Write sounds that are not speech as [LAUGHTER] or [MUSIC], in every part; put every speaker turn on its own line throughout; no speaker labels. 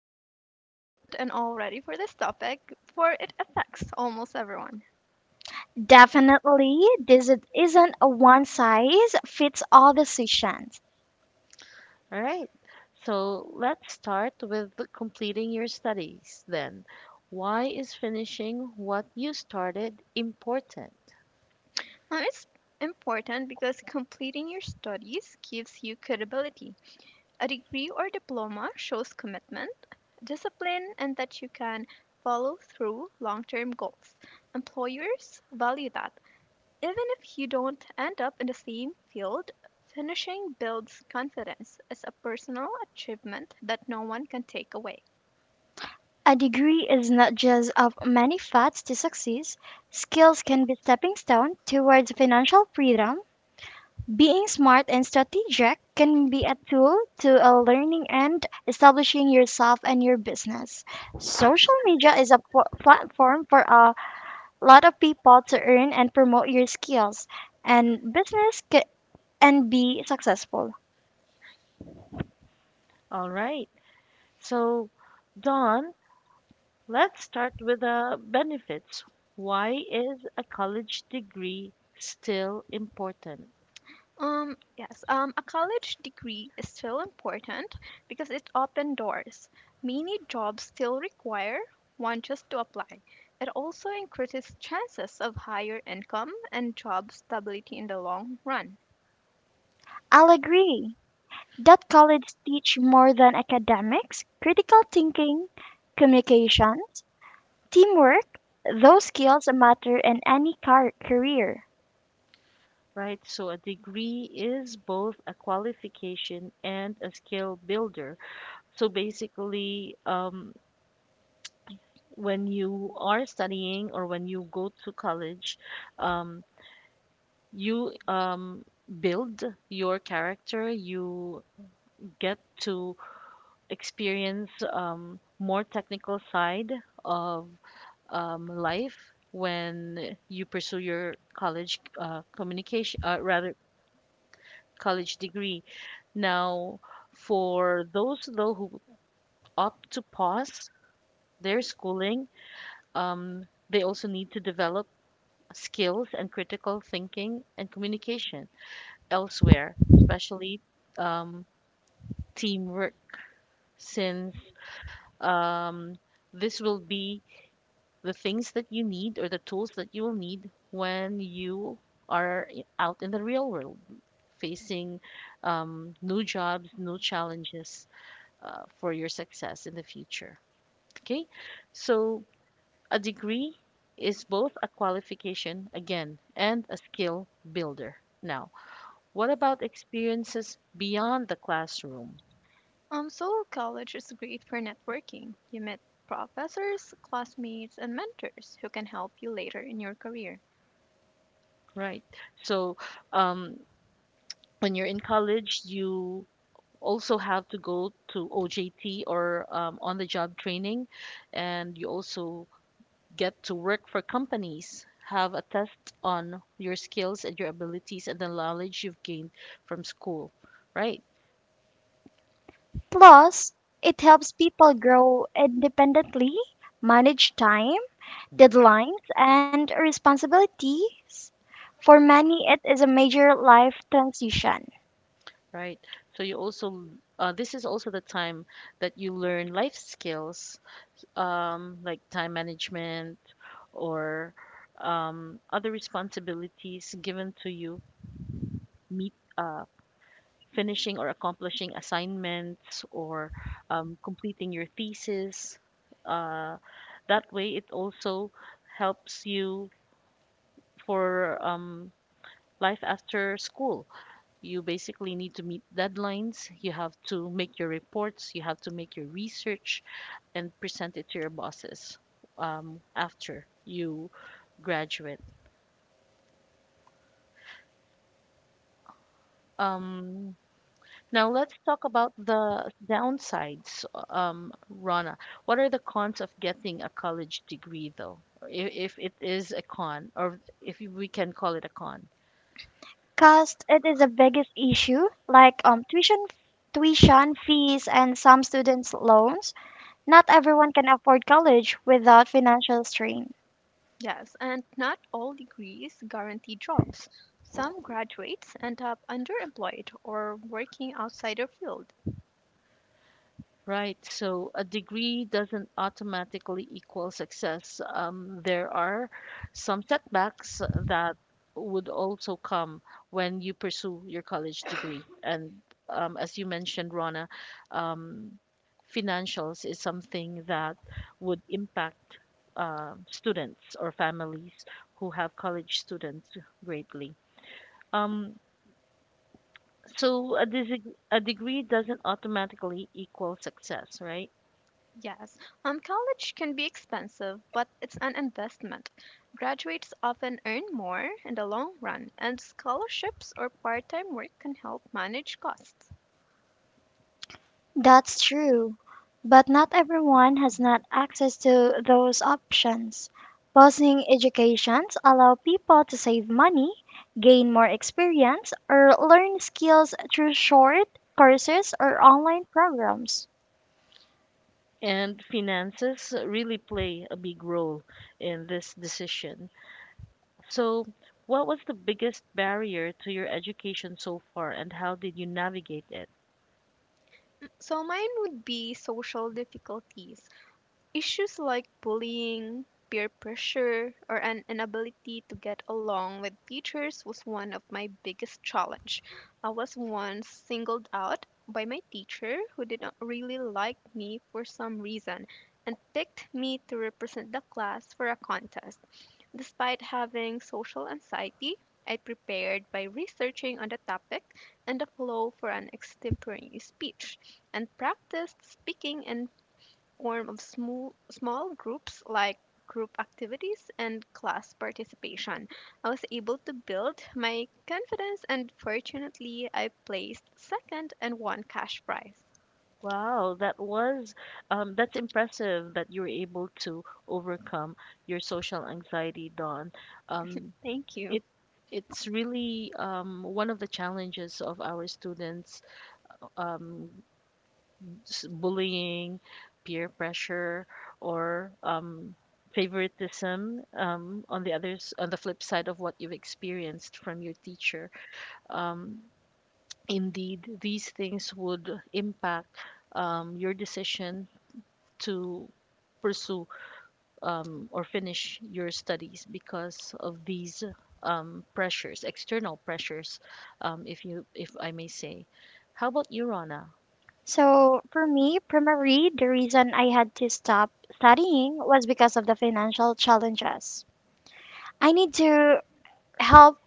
I'm very excited and all ready for this topic, for it affects almost everyone.
Definitely, isn't a one size fits all decision.
All right. So, let's start with completing your studies then. Why is finishing what you started important?
It's important because completing your studies gives you credibility. A degree or diploma shows commitment, discipline, and that you can follow through long term goals. Employers value that. Even if you don't end up in the same field, finishing builds confidence as a personal achievement that no one can take away.
A degree is not just of many paths to success. Skills can be stepping stone towards financial freedom. Being smart and strategic can be a tool to a learning and establishing yourself and your business. Social media is a platform for a lot of people to earn and promote your skills and and be successful.
All right. So, Don, let's start with the benefits. Why is a college degree still important?
Yes, a college degree is still important because it opened doors. Many jobs still require one just to apply. It also increases chances of higher income and job stability in the long run.
I'll agree that college teach more than academics, critical thinking, communications, teamwork, those skills matter in any career.
Right? So, a degree is both a qualification and a skill builder. So, basically, when you are studying or when you go to college, um, you build your character, you get to experience more technical side of life when you pursue your college communication, rather college degree. Now, for those though who opt to pause their schooling, um, they also need to develop skills and critical thinking and communication elsewhere, especially um, teamwork, since um, this will be the things that you need or the tools that you will need when you are out in the real world facing new jobs, new challenges for your success in the future. Okay, so a degree is both a qualification again and a skill builder. Now, what about experiences beyond the classroom?
So college is great for networking. You meet professors, classmates, and mentors who can help you later in your career.
Right, so um, when you're in college, you also have to go to OJT or on the job training, and you also get to work for companies. Have a test on your skills and your abilities and the knowledge you've gained from school, right?
Plus, it helps people grow independently, manage time, deadlines, and responsibilities. For many, it is a major life transition.
Right. So you also this is also the time that you learn life skills, like time management or other responsibilities given to you meet finishing or accomplishing assignments or completing your thesis. Uh, that way, it also helps you for life after school. You basically need to meet deadlines, you have to make your reports, you have to make your research, and present it to your bosses after you graduate. Um, Now let's talk about the downsides, Rana. What are the cons of getting a college degree, though? If it is a con, or if we can call it a con.
Cost, it is the biggest issue, like tuition fees and some students' loans. Not everyone can afford college without financial strain.
Yes, and not all degrees guarantee jobs. Some graduates end up underemployed or working outside their field.
Right. So a degree doesn't automatically equal success. There are some setbacks that would also come when you pursue your college degree. And as you mentioned, Rona, um, financials is something that would impact students or families who have college students greatly. Um, so a degree doesn't automatically equal success, right?
Yes, college can be expensive, but it's an investment. Graduates often earn more in the long run, and scholarships or part time work can help manage costs.
That's true, but not everyone has not access to those options. Pausing educations allow people to save money, gain more experience, or learn skills through short courses or online programs.
And finances really play a big role in this decision. So, what was the biggest barrier to your education so far, and how did you navigate it?
So, mine would be social difficulties. Issues like bullying, peer pressure, or an inability to get along with teachers was one of my biggest challenge. I was once singled out by my teacher who did not really like me for some reason and picked me to represent the class for a contest. Despite having social anxiety, I prepared by researching on the topic and the flow for an extemporary speech and practiced speaking in form of small, small groups like group activities and class participation. I was able to build my confidence and fortunately I placed second and won cash prize.
Wow, that's impressive that you were able to overcome your social anxiety, Dawn. Um,
Thank you.
it it's really one of the challenges of our students um, bullying, peer pressure, or favoritism on the others on the flip side of what you've experienced from your teacher. Um, indeed, these things would impact your decision to pursue or finish your studies because of these pressures, external pressures, if I may say. How about you, Rana?
So for me, primary, the reason I had to stop studying was because of the financial challenges. I need to help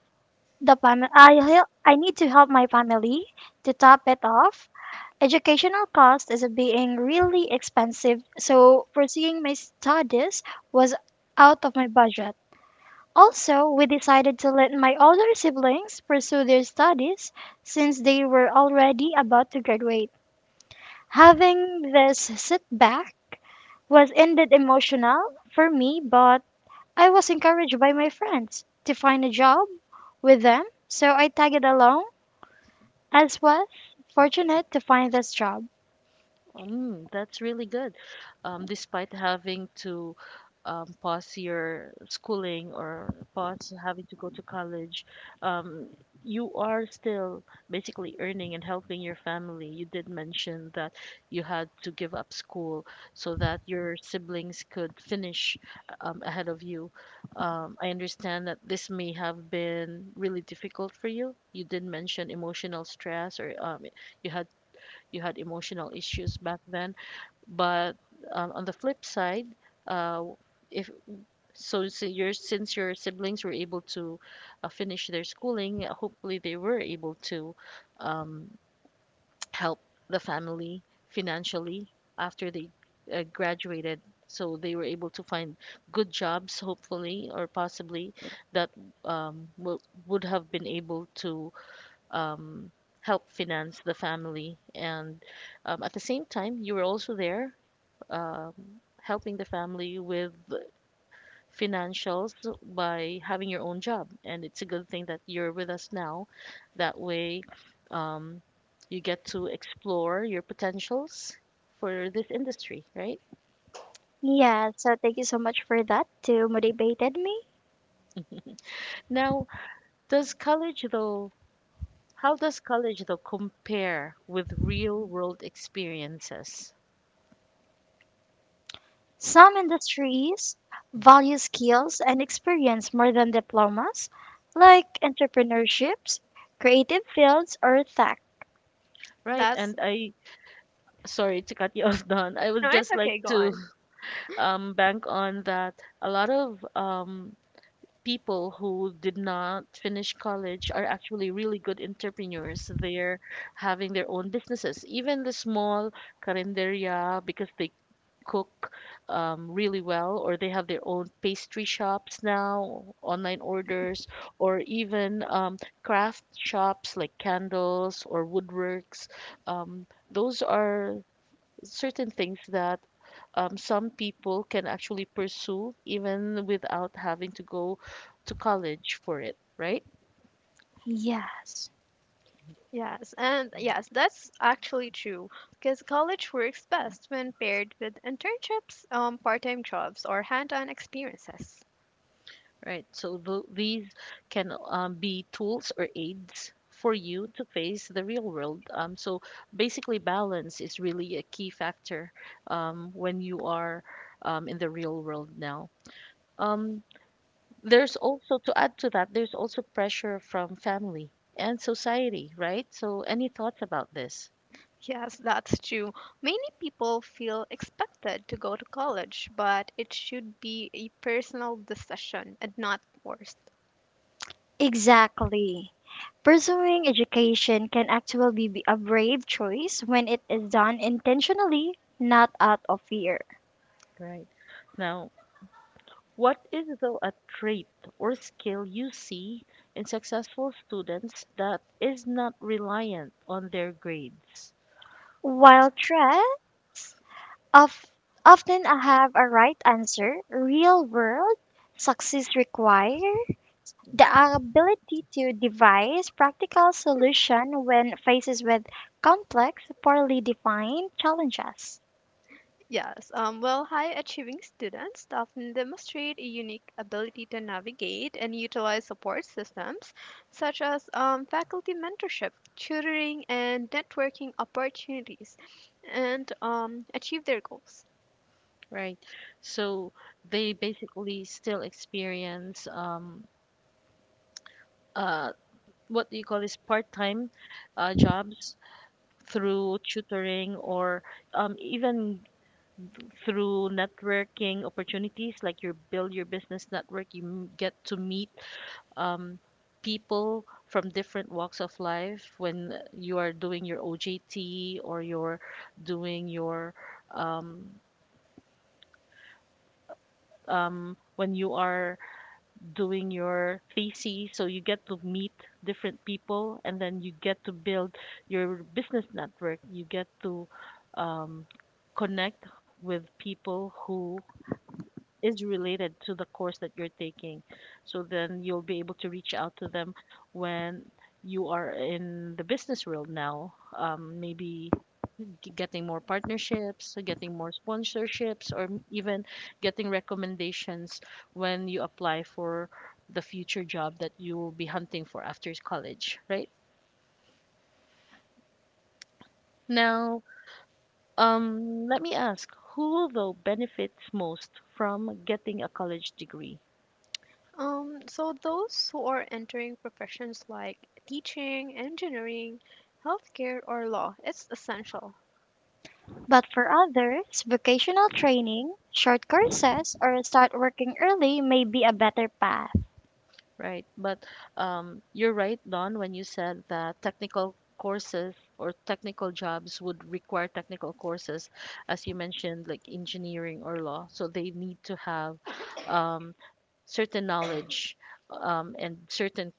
the family. I need to help my family to top it off. Educational cost is being really expensive, so pursuing my studies was out of my budget. Also, we decided to let my older siblings pursue their studies since they were already about to graduate. Having this setback was indeed emotional for me, but I was encouraged by my friends to find a job with them, so I tagged along as was fortunate to find this job.
That's really good. Despite having to pause your schooling or pause having to go to college, um, you are still basically earning and helping your family. You did mention that you had to give up school so that your siblings could finish ahead of you. I understand that this may have been really difficult for you. You did mention emotional stress or you had you had emotional issues back then. But on the flip side, uh, if so, so your since your siblings were able to finish their schooling, hopefully they were able to um, help the family financially after they graduated. So they were able to find good jobs, hopefully or possibly, that um, w- would have been able to um, help finance the family. And at the same time, you were also there um, helping the family with financials by having your own job. And it's a good thing that you're with us now. That way, um, you get to explore your potentials for this industry, right?
Yeah, so thank you so much for that to motivated me.
Now, does college though, how does college though compare with real world experiences?
Some industries value skills and experience more than diplomas, like entrepreneurships, creative fields, or tech.
Right,
That's
and I sorry to cut you [LAUGHS] off, Don. I
no,
would
it's
just like
okay, go
to
on.
bank on that a lot of people who did not finish college are actually really good entrepreneurs. They're having their own businesses, even the small carinderia, because they cook really well, or they have their own pastry shops now, online orders, or even craft shops like candles or woodworks. Those are certain things that some people can actually pursue even without having to go to college for it, right?
Yes,
Yes, and yes, that's actually true because college works best when paired with internships, part-time jobs, or hand-on experiences.
Right. So these can be tools or aids for you to face the real world. So basically, balance is really a key factor when you are in the real world now. Um, there's also, to add to that, there's also pressure from family and society, right? So, any thoughts about this?
Yes, that's true. Many people feel expected to go to college, but it should be a personal decision and not forced.
exactly. Pursuing education can actually be a brave choice when it is done intentionally, not out of fear.
Right. Now, what is though a trait or skill you see in successful students that is not reliant on their grades?
While threats of often have a right answer, real world success require the ability to devise practical solution when faces with complex, poorly defined challenges.
Yes, well, high achieving students often demonstrate a unique ability to navigate and utilize support systems such as faculty mentorship, tutoring, and networking opportunities and achieve their goals.
Right. So they basically still experience uh what do you call this part-time jobs through tutoring or even through networking opportunities like you build your business network you get to meet um, people from different walks of life when you are doing your OJT or you're doing your um, when you are doing your thesis. So you get to meet different people and then you get to build your business network. You get to um, connect with people who is related to the course that you're taking. So then you'll be able to reach out to them when you are in the business world now. Maybe getting more partnerships, getting more sponsorships, or even getting recommendations when you apply for the future job that you will be hunting for after college, right? Now, let me ask, who though benefits most from getting a college degree?
So those who are entering professions like teaching, engineering, healthcare, or law, it's essential.
But for others, vocational training, short courses, or start working early may be a better path.
Right. But you're right, Don, when you said that technical courses or technical jobs would require technical courses, as you mentioned, like engineering or law. So they need to have um, certain knowledge and certain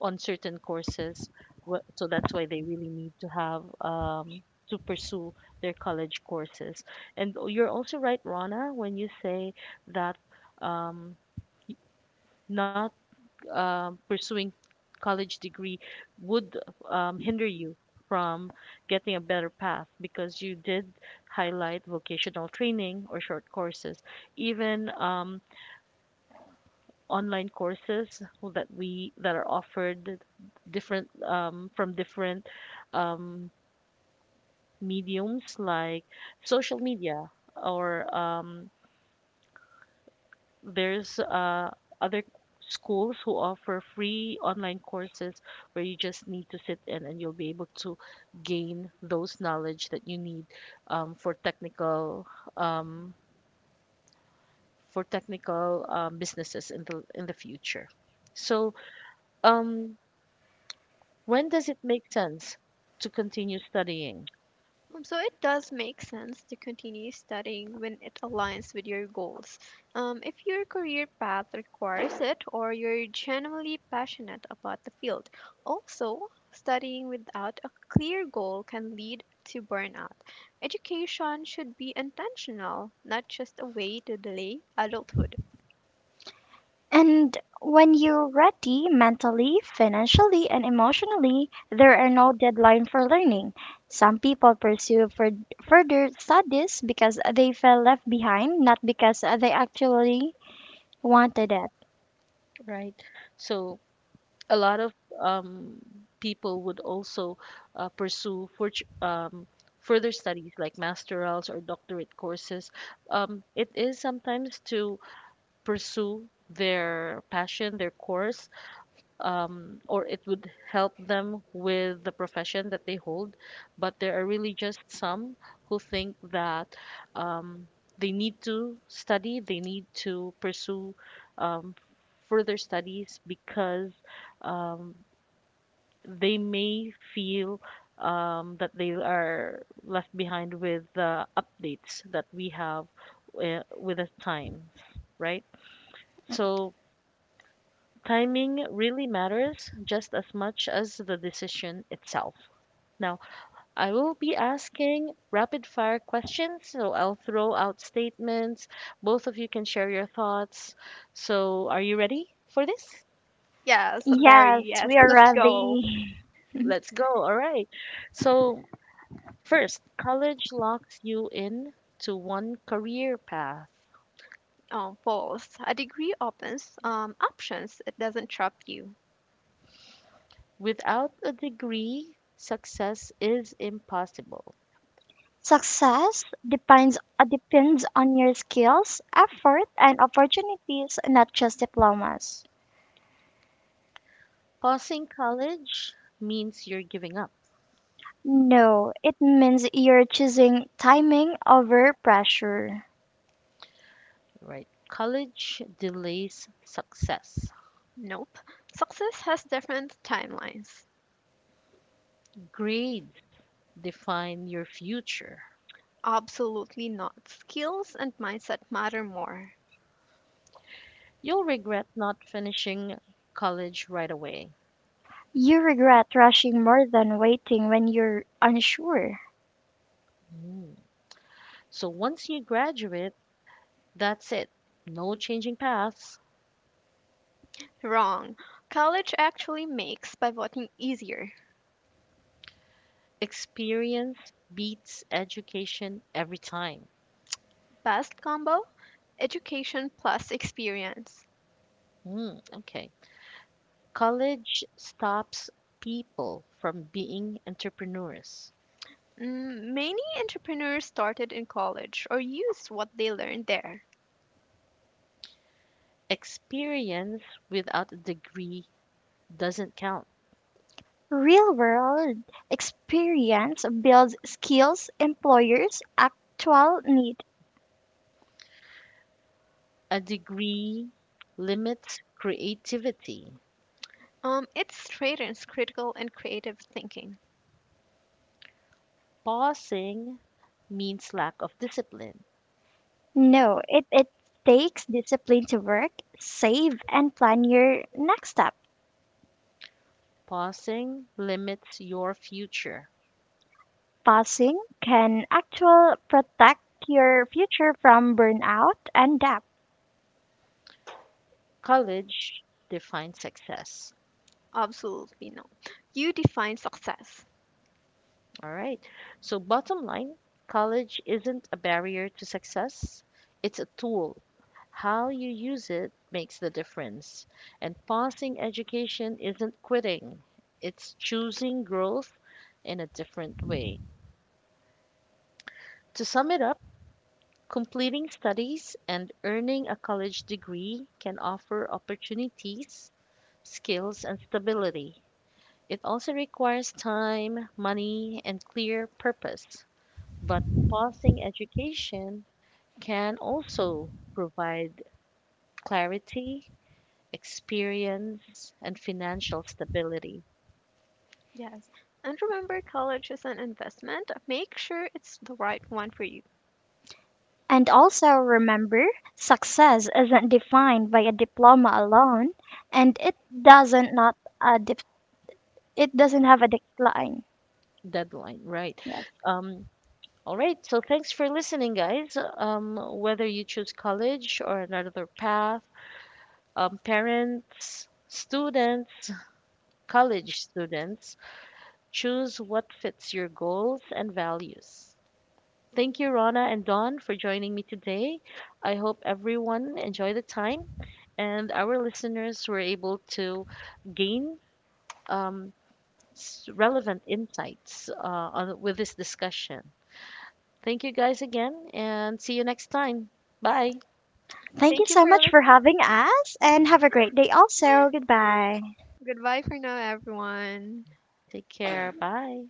on certain courses. So that's why they really need to have to pursue their college courses. And you're also right, Rana, when you say that um, not pursuing college degree would hinder you from getting a better path because you did highlight vocational training or short courses even online courses that are offered different from different um, mediums like social media or there's other schools who offer free online courses where you just need to sit in and you'll be able to gain those knowledge that you need for technical um, businesses in the future. So um, when does it make sense to continue studying,
So it does make sense to continue studying when it aligns with your goals. If your career path requires it, or you're genuinely passionate about the field. Also, studying without a clear goal can lead to burnout. Education should be intentional, not just a way to delay adulthood.
And when you're ready mentally, financially, and emotionally, there are no deadline for learning. Some people pursue further studies because they felt left behind, not because they actually wanted it.
right? So a lot of um, people would also pursue for, um, further studies like masterals or doctorate courses. It is sometimes to pursue their passion, their course, or it would help them with the profession that they hold. But there are really just some who think that um, they need to study, they need to pursue um, further studies because um, they may feel that they are left behind with the updates that we have with the times, right? So timing really matters just as much as the decision itself. Now, I will be asking rapid fire questions, so I'll throw out statements. Both of you can share your thoughts. So, are you ready for this?
Yes, very
Yes,
yes.
we are
Let's go.
ready.
Let's go. All right. So, first, college locks you in to one career path.
Oh, false. A degree opens options. It doesn't trap you.
Without a degree, success is impossible.
Success depends depends on your skills, effort, and opportunities, not just diplomas.
Pausing college means you're giving up,
No, it means you're choosing timing over pressure.
right? College delays success.
Nope. Success has different timelines.
Grades define your future.
Absolutely not. Skills and mindset matter more.
You'll regret not finishing college right away.
You regret rushing more than waiting when you're unsure.
Mm. So once you graduate, that's it. No changing paths.
Wrong. College actually makes pivoting easier.
Experience beats education every time.
Best combo? Education plus experience.
Mm, okay. College stops people from being entrepreneurs.
Mm, many entrepreneurs started in college or used what they learned there.
Experience without a degree doesn't count.
Real world experience builds skills employers actual need.
A degree limits creativity.
It straightens critical and creative thinking.
Pausing means lack of discipline.
No, it takes discipline to work, save, and plan your next step.
Pausing limits your future.
Passing can actual protect your future from burnout and debt.
College defines success.
Absolutely no. You define success.
All right. So, bottom line, college isn't a barrier to success, it's a tool. How you use it makes the difference. And passing education isn't quitting, it's choosing growth in a different way. To sum it up, completing studies and earning a college degree can offer opportunities, skills, and stability. It also requires time, money, and clear purpose. But pausing education can also provide clarity, experience, and financial stability.
Yes. And remember, college is an investment. Make sure it's the right one for you.
And also remember, success isn't defined by a diploma alone, and it doesn't not uh, it doesn't have a decline.
Deadline, right?
Yes.
Um, all right, so thanks for listening, guys. Whether you choose college or another path, parents, students, college students, choose what fits your goals and values. Thank you, Rana and Don, for joining me today. I hope everyone enjoyed the time and our listeners were able to gain um, relevant insights with this discussion. Thank you guys again and see you next time. Bye.
Thank you
Thank you
so
for
much for
listening.
having us and have a great day also. Goodbye.
Goodbye for now, everyone.
Take care. Bye.